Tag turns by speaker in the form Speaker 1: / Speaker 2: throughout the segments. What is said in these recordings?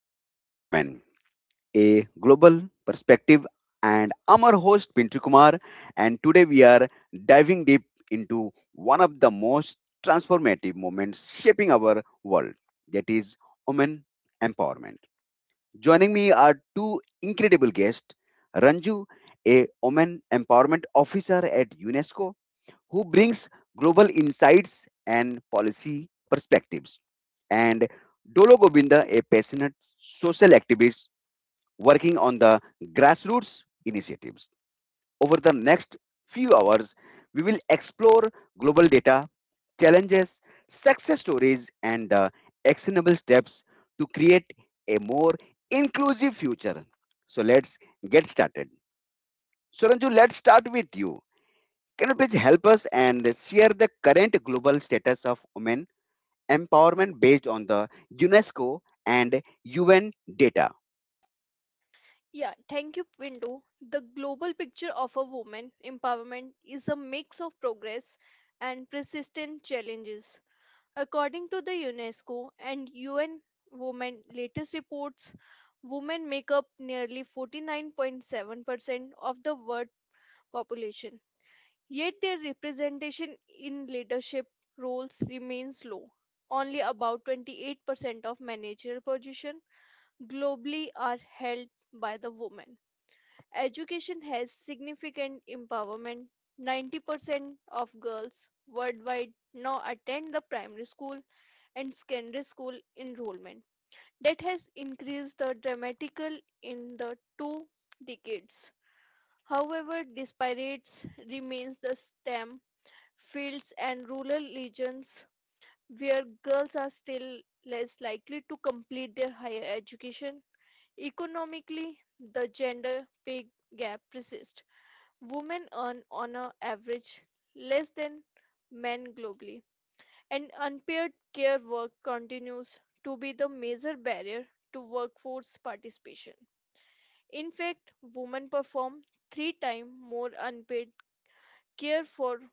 Speaker 1: Empowering Women, a global perspective. And I'm our host Pintu Kumar, and today we are diving deep into one of the most transformative moments shaping our world, that is women empowerment. Joining me are two incredible guests, Ranju, a women empowerment officer at UNESCO, who brings global insights and policy perspectives. And Dolo Govinda, a passionate social activist working on the grassroots initiatives. Over the next few hours, we will explore global data, challenges, success stories, and the actionable steps to create a more inclusive future. So let's get started. Suranju, let's start with you. Can you please help us and share the current global status of women empowerment based on the UNESCO and UN data?
Speaker 2: Yeah, thank you, Pindu. The global picture of a woman empowerment is a mix of progress and persistent challenges. According to the UNESCO and UN Women latest reports, women make up nearly 49.7% of the world population. Yet their representation in leadership roles remains low. Only about 28% of managerial positions globally are held by the women. Education has significant empowerment. 90% of girls worldwide now attend the primary school and secondary school enrollment. That has increased the dramatical in the two decades. However, disparities remains the STEM fields and rural regions where girls are still less likely to complete their higher education. Economically, the gender pay gap persists. Women earn on a average less than men globally, and unpaid care work continues to be the major barrier to workforce participation. In fact, women perform three times more unpaid care for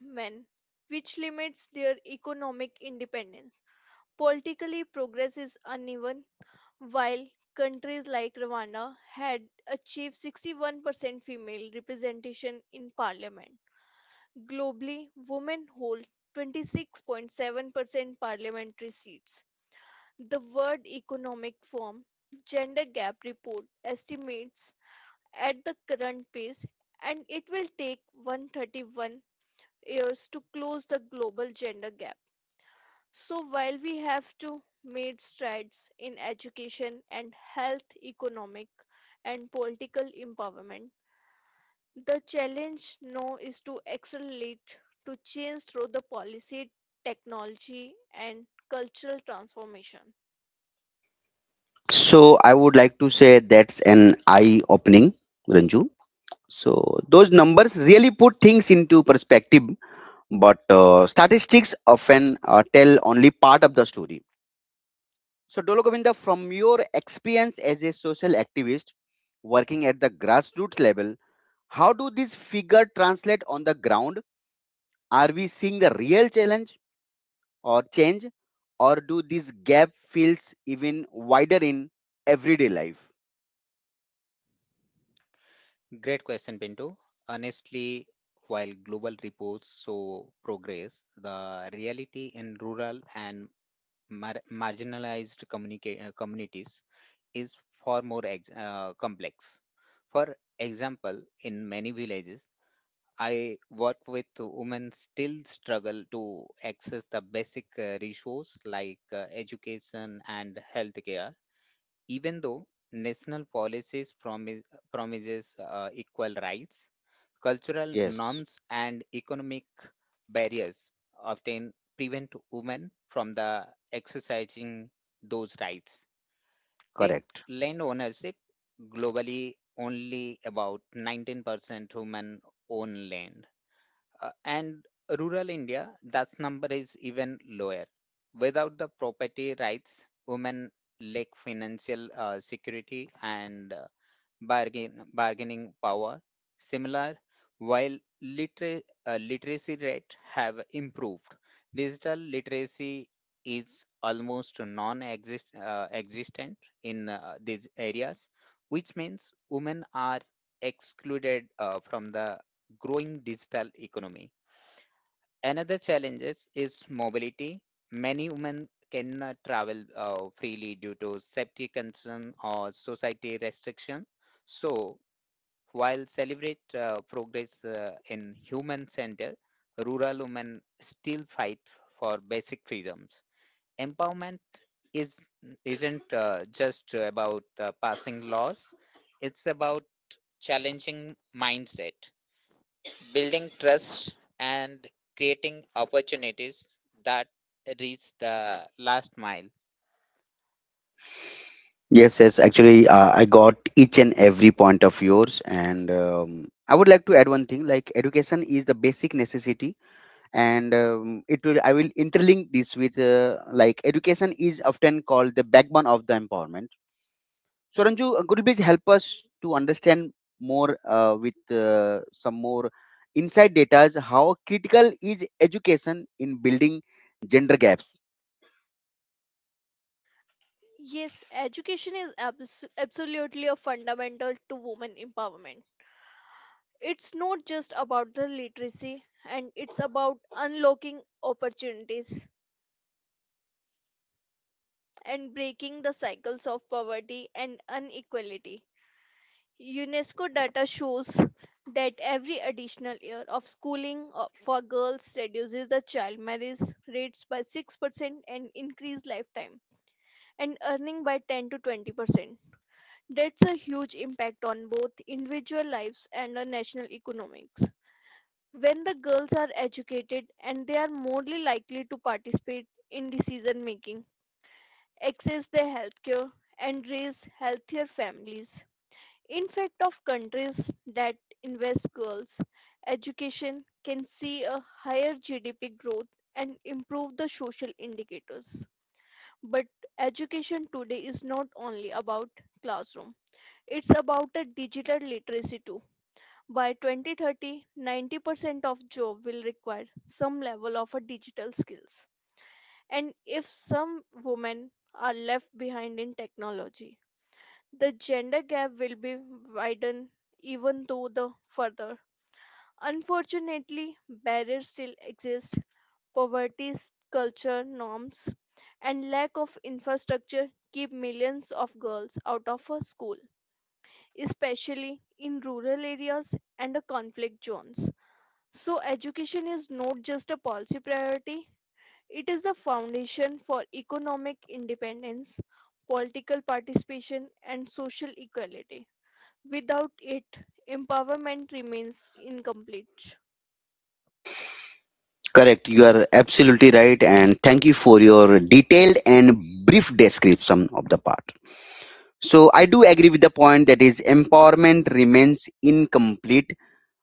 Speaker 2: men, which limits their economic independence. Politically, progress is uneven. While countries like Rwanda had achieved 61% female representation in parliament, globally, women hold 26.7% parliamentary seats. The World Economic Forum Gender Gap Report estimates at the current pace, and it will take 131 years to close the global gender gap. So while we have to made strides in education and health, economic and political empowerment, the challenge now is to accelerate, to change through the policy, technology, and cultural transformation.
Speaker 1: So, I would like to say that's an eye opening, Ranju. So, those numbers really put things into perspective, but statistics often tell only part of the story. So, Dolo Govinda, from your experience as a social activist working at the grassroots level, how do these figures translate on the ground? Are we seeing the real challenge or change, or do this gap feels even wider in everyday life?
Speaker 2: Great question, Pinto. Honestly, while global reports show progress, the reality in rural and communities is far more complex. For example, in many villages, I work with women still struggle to access the basic resources like education and healthcare. Even though national policies promise promises equal rights, cultural
Speaker 1: Yes,
Speaker 2: norms and economic barriers often prevent women from the exercising those rights.
Speaker 1: correct.
Speaker 2: Land ownership globally only about 19% women own land. And rural India, this number is even lower. Without the property rights, women lack financial security and bargaining power. Similar, while literacy rate have improved, digital literacy is almost non-exist existent in these areas, which means women are excluded from the growing digital economy. Another challenges is mobility. Many women cannot travel freely due to safety concern or society restriction. So, while celebrate progress in human center, rural women still fight for basic freedoms. Empowerment is isn't just about passing laws; it's about challenging mindset building trust and creating opportunities that reach the last mile.
Speaker 1: Yes, yes. Actually, I got each and every point of yours, and I would like to add one thing. Like education is the basic necessity, and it will. I will interlink this with like education is often called the backbone of the empowerment. So, Ranju, could you please help us to understand more with some more inside data? How critical is education in building gender gaps?
Speaker 2: Yes, education is absolutely a fundamental to women empowerment. It's not just about the literacy, and it's about unlocking opportunities and breaking the cycles of poverty and inequality. UNESCO data shows that every additional year of schooling for girls reduces the child marriage rates by 6% and increased lifetime and earning by 10 to 20%. That's a huge impact on both individual lives and the national economics. When the girls are educated and they are more likely to participate in decision making, access their health care, and raise healthier families. In fact, of countries that invest girls' education can see a higher GDP growth and improve the social indicators. But education today is not only about classroom. It's about a digital literacy too. By 2030, 90% of job will require some level of a digital skills. And if some women are left behind in technology, the gender gap will be widened even though the further. Unfortunately, barriers still exist. Poverty, culture, norms, and lack of infrastructure keep millions of girls out of a school, especially in rural areas and the conflict zones. So, education is not just a policy priority, it is the foundation for economic independence, political participation, and social equality. Without it, empowerment remains incomplete.
Speaker 1: Correct. You are absolutely right. And thank you for your detailed and brief description of the part. So, I do agree with the point that is empowerment remains incomplete.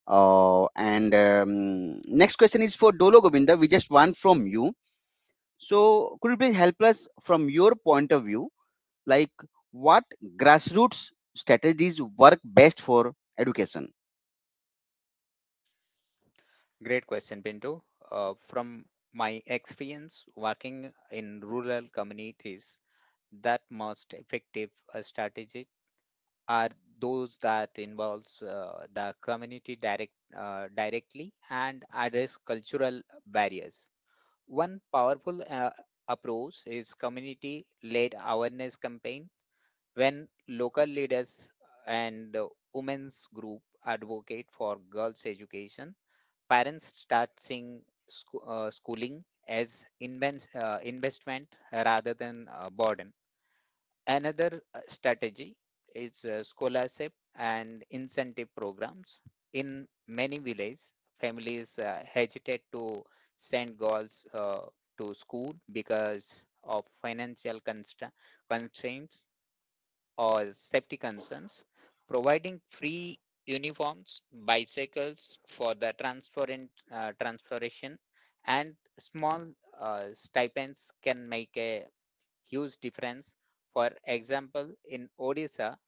Speaker 1: And Next question is for Dolo Govinda. We just want from you. So, could you please help us from your point of view? Like what grassroots strategies work best for education?
Speaker 2: Great question, Pinto. From my experience working in rural communities, that most effective strategy are those that involves the community directly and address cultural barriers. One powerful approach is community-led awareness campaign when local leaders and women's group advocate for girls education parents start seeing schooling as investment rather than a burden another strategy is scholarship and incentive programs in many villages families hesitate to send girls to school because of financial constraints or safety concerns, providing free uniforms, bicycles for the transferent, transferation, and small stipends can make a huge difference. For example, in Odisha,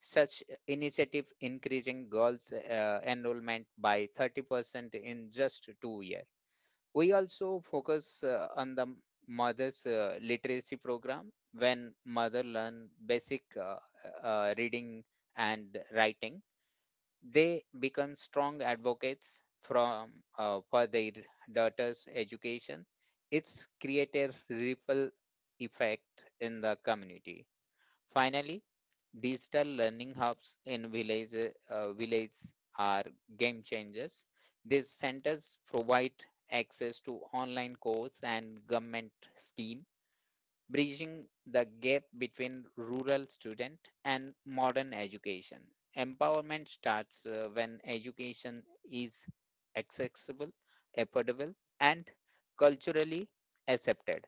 Speaker 2: such initiative increasing girls' enrollment by 30% in just 2 years. We also focus on the mother's literacy program when mother learn basic reading and writing. They become strong advocates from for their daughter's education. It's create a ripple effect in the community. Finally, digital learning hubs in villages are game changers. These centers provide access to online course and government scheme bridging the gap between rural student and modern education. Empowerment starts when education is accessible, affordable, and culturally accepted.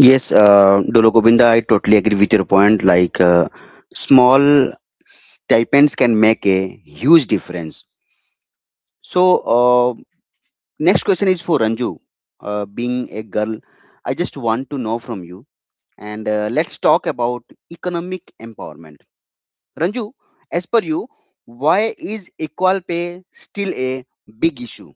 Speaker 1: Yes, Dolo Govinda, I totally agree with your point. Like small stipends can make a huge difference. So, next question is for Ranju. Being a girl, I just want to know from you. And let's talk about economic empowerment. Ranju, as per you, why is equal pay still a big issue?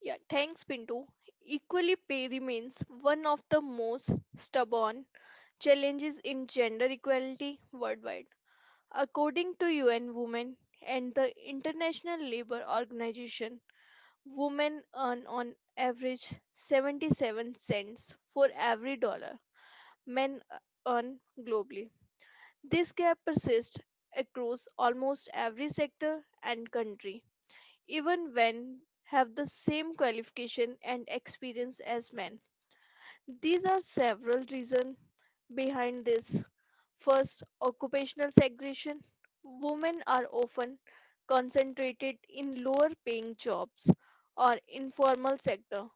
Speaker 2: Yeah, thanks, Pinto. Equally pay remains one of the most stubborn challenges in gender equality worldwide. According to UN Women and the International Labour Organization, women earn on average 77¢ for every dollar men earn globally. This gap persists across almost every sector and country, even when have the same qualification and experience as men. These are several reasons behind this. First, occupational segregation. Women are often concentrated in lower paying jobs or informal sector,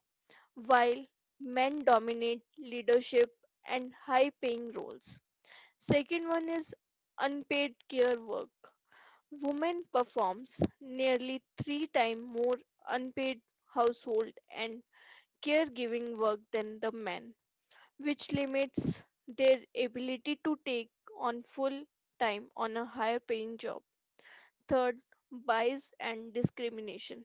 Speaker 2: while men dominate leadership and high paying roles. Second one is unpaid care work. Women performs nearly 3 times more unpaid household and caregiving work than the men which limits their ability to take on full time on a higher paying job. Third, bias and discrimination.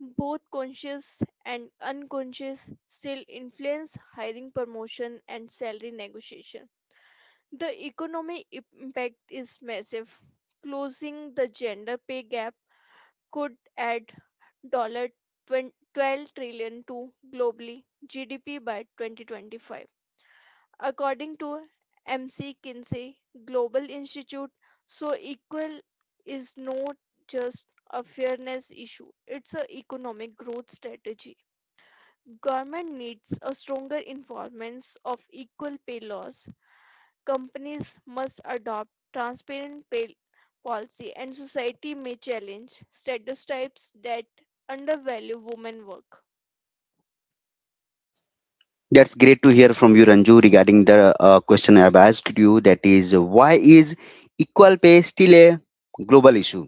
Speaker 2: Both conscious and unconscious still influence hiring, promotion, and salary negotiation. The economic impact is massive. Closing the gender pay gap could add twenty $12 trillion to globally GDP by 2025. According to MC Kinsey Global Institute, so equal is not just a fairness issue, it's an economic growth strategy. Government needs a stronger enforcement of equal pay laws. Companies must adopt transparent pay policy and society may challenge stereotypes that undervalue women work.
Speaker 1: That's great to hear from you, Ranju, regarding the question I've asked you. That is, why is equal pay still a global issue?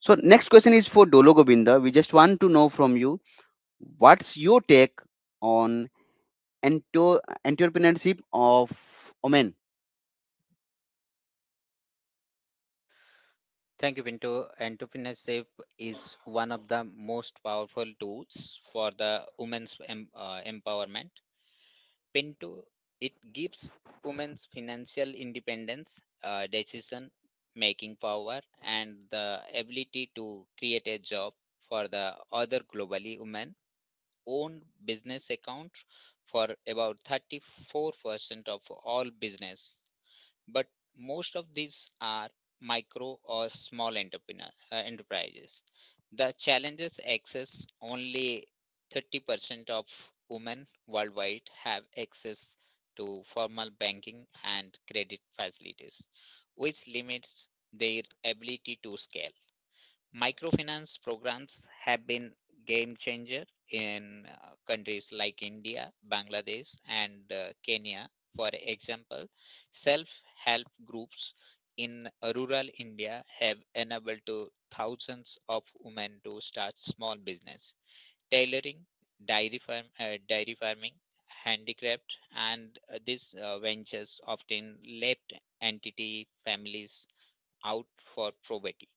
Speaker 1: So, next question is for Dolo Govinda. We just want to know from you, what's your take on entrepreneurship of women?
Speaker 2: Thank you, Pinto. Entrepreneurship is one of the most powerful tools for the women's empowerment. Pinto, it gives women's financial independence, decision making power, and the ability to create a job for the other globally women. Own business account for about 34% of all business but most of these are micro or small enterprises. The challenges access only 30% of women worldwide have access to formal banking and credit facilities, which limits their ability to scale. Microfinance programs have been game changer in countries like India, Bangladesh, and Kenya. For example, self-help groups in rural India have enabled to thousands of women to start small business, tailoring, dairy farming, handicraft, and these ventures often let entity families out for probity.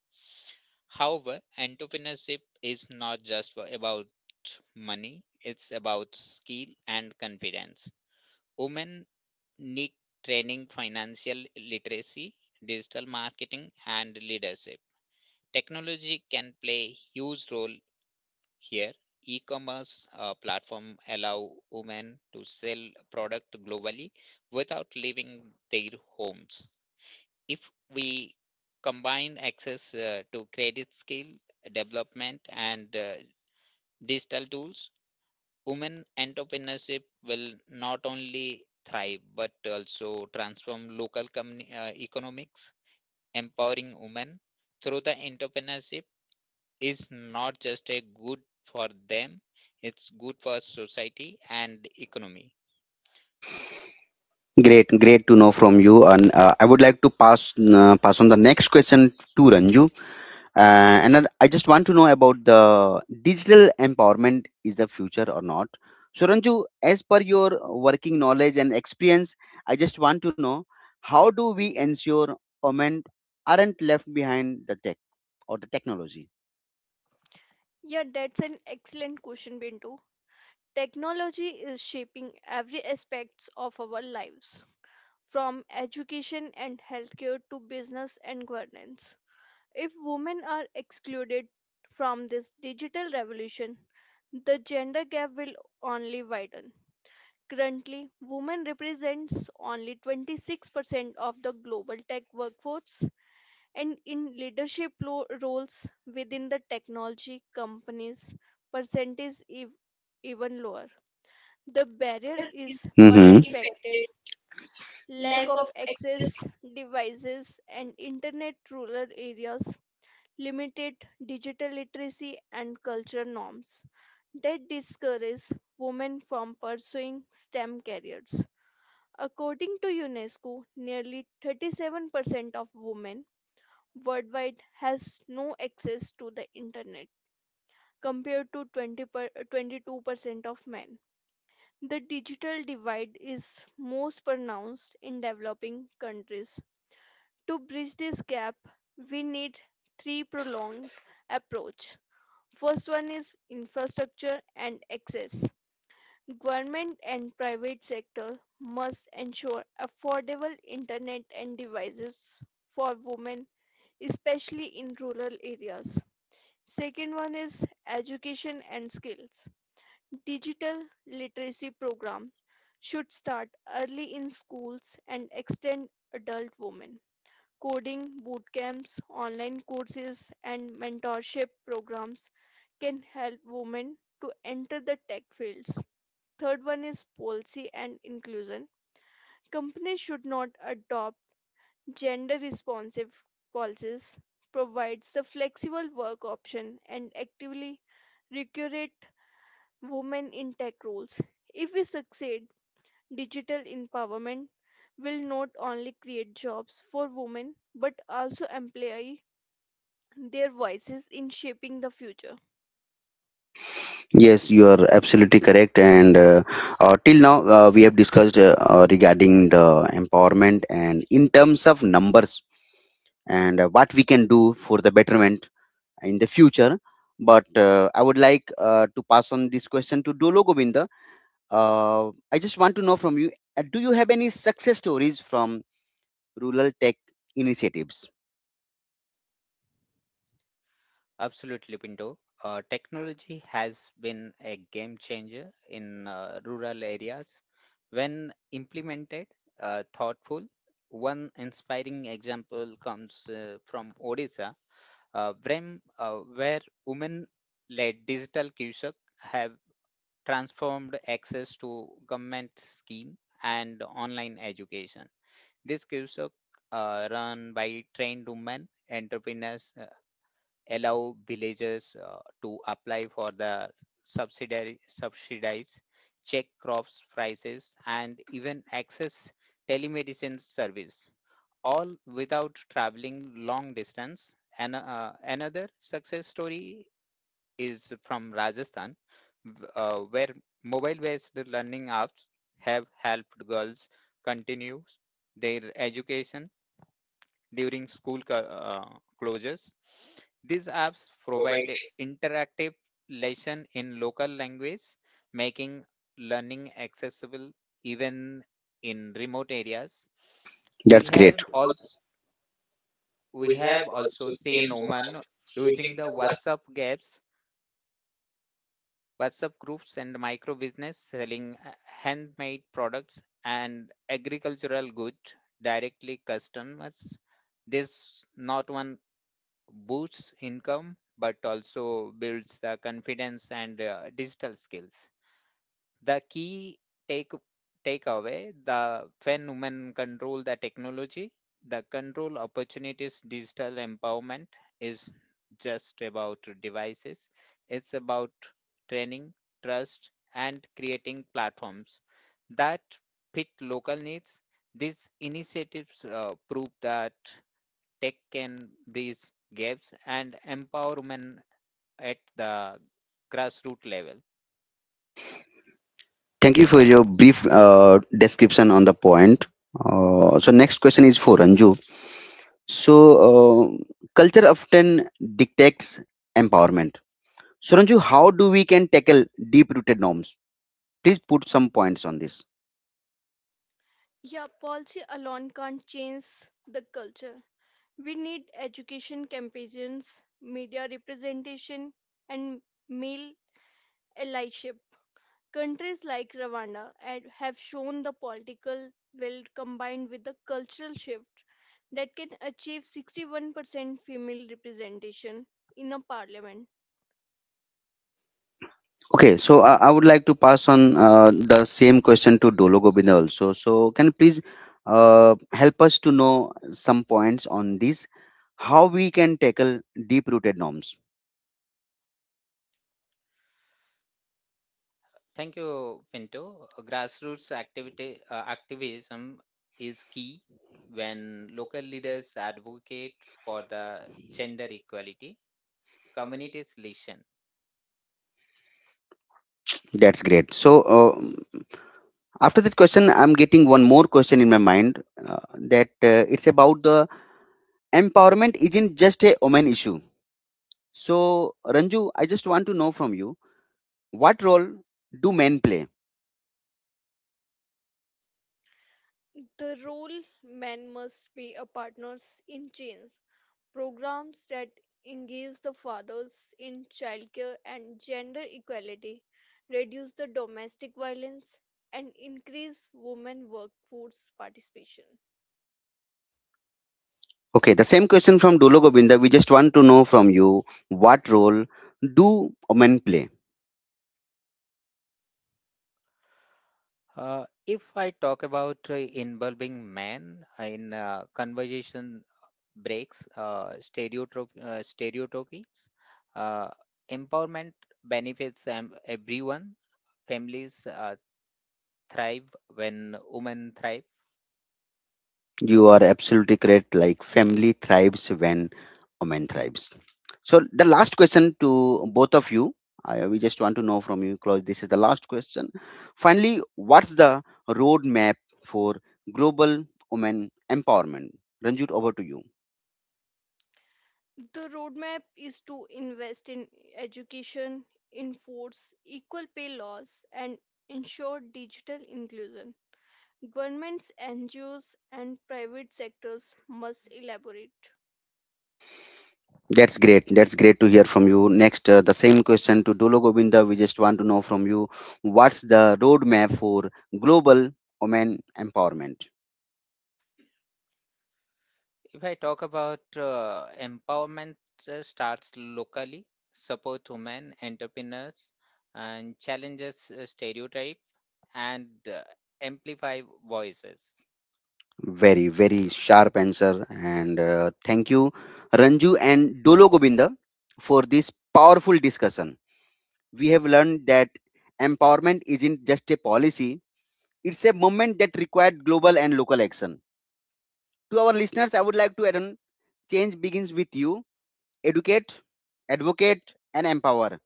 Speaker 2: However, entrepreneurship is not just about money, it's about skill and confidence. Women need training financial literacy, digital marketing, and leadership. Technology can play huge role here. E-commerce platform allow women to sell product globally without leaving their homes if we combine access to credit skill development and digital tools, women entrepreneurship will not only thrive but also transform local economics. Empowering women through the entrepreneurship is not just a good for them, it's good for society and economy.
Speaker 1: Great, great to know from you. And I would like to pass on the next question to Ranju. And then I just want to know about the digital empowerment is the future or not. So, Ranju, as per your working knowledge and experience, I just want to know how do we ensure women aren't left behind the tech or the technology?
Speaker 2: Yeah, that's an excellent question, Bintu. Technology is shaping every aspects of our lives, from education and healthcare to business and governance. If women are excluded from this digital revolution, the gender gap will only widen. Currently, women represents only 26% of the global tech workforce and in leadership roles within the technology companies percentage is even lower. The barrier is
Speaker 1: Mhm.
Speaker 2: multifaceted: lack of access, devices and internet, rural areas, limited digital literacy and cultural norms that discourage women from pursuing STEM careers. According to UNESCO, nearly 37% of women worldwide has no access to the internet compared to 22% of men. The digital divide is most pronounced in developing countries. To bridge this gap, we need three prolonged approach. First one is infrastructure and access. Government and private sector must ensure affordable internet and devices for women, especially in rural areas. Second one is education and skills. Digital literacy program should start early in schools and extend adult women. Coding bootcamps, online courses, and mentorship programs can help women to enter the tech fields. Third one is policy and inclusion. Companies should not adopt gender responsive policies, provides the flexible work option, and actively recruit women in tech roles. If we succeed digital empowerment will not only create jobs for women but also amplify their voices in shaping the future.
Speaker 1: Yes, you are absolutely correct. And Till now, we have discussed regarding the empowerment and in terms of numbers and what we can do for the betterment in the future. But I would like to pass on this question to Dolo Govinda. I just want to know from you, do you have any success stories from rural tech initiatives?
Speaker 2: Absolutely, Pinto. Technology has been a game changer in rural areas. When implemented, thoughtful, one inspiring example comes from Odisha, where women-led digital Cusack have transformed access to government scheme and online education. This gives a run by trained women entrepreneurs allow villagers to apply for the subsidiary subsidies, check crops prices, and even access telemedicine service, all without traveling long distance. And another success story is from Rajasthan, where mobile based learning apps have helped girls continue their education during school closures. These apps provide a interactive lesson in local language, making learning accessible even in remote areas. We
Speaker 1: That's great.
Speaker 2: have also we have also seen Oman using the WhatsApp groups and micro business selling handmade products and agricultural goods directly customers. This not one boosts income but also builds the confidence and digital skills. The key take takeaway, the when women control the technology, the control opportunities, digital empowerment is just about devices. It's about training, trust, and creating platforms that fit local needs. These initiatives prove that tech can bridge gaps and empower women at the grassroots level.
Speaker 1: Thank you for your brief description on the point. So, next question is for Ranju. So, uh, culture often dictates empowerment. So, Ranju, how do we can tackle deep rooted norms? Please put some points on this.
Speaker 2: Yeah, policy alone can't change the culture. We need education campaigns, media representation, and male allyship. Countries like Rwanda have shown the political will combined with the cultural shift that can achieve 61% female representation in a parliament.
Speaker 1: Okay, so I would like to pass on the same question to Dolo Govinda also. So, can you please help us to know some points on this, how we can tackle deep-rooted norms?
Speaker 2: Thank you, Pinto. Grassroots activity activism is key when local leaders advocate for the gender equality. Communities listen.
Speaker 1: That's great. So, after that question, I'm getting one more question in my mind that it's about the empowerment isn't just a woman issue. So, Ranju, I just want to know from you, what role do men play?
Speaker 2: The role men must be a partners in change. Programs that engage the fathers in childcare and gender equality, reduce the domestic violence, and increase women workforce participation.
Speaker 1: Okay, the same question from Dulo Govinda. We just want to know from you, what role do women play?
Speaker 2: If I talk about involving men in conversation breaks, stereotypies, uh, empowerment benefits everyone. Families thrive when women thrive.
Speaker 1: You are absolutely correct. Like family thrives when women thrives. So the last question to both of you. We just want to know from you, Claus. This is the last question. Finally, what's the roadmap for global women empowerment? Ranjit, over to you.
Speaker 2: The roadmap is to invest in education, enforce equal pay laws, and ensure digital inclusion. Governments, NGOs, and private sectors must elaborate.
Speaker 1: That's great. That's great to hear from you. Next, the same question to Dolo Govinda. We just want to know from you, what's the roadmap for global women empowerment?
Speaker 2: If I talk about empowerment starts locally, support women entrepreneurs and challenges stereotype and amplify voices.
Speaker 1: Very, very sharp answer. And thank you, Ranju and Dolo Govinda, for this powerful discussion. We have learned that empowerment isn't just a policy, it's a movement that required global and local action. To our listeners, I would like to add on, change begins with you. Educate, advocate, and empower.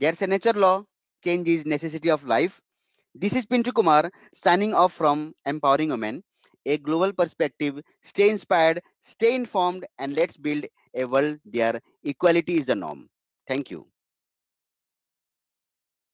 Speaker 1: Their signature law, Change is Necessity of Life. This is Pintu Kumar signing off from Empowering Women, a global perspective. Stay inspired, stay informed, and let's build a world where equality is the norm. Thank you.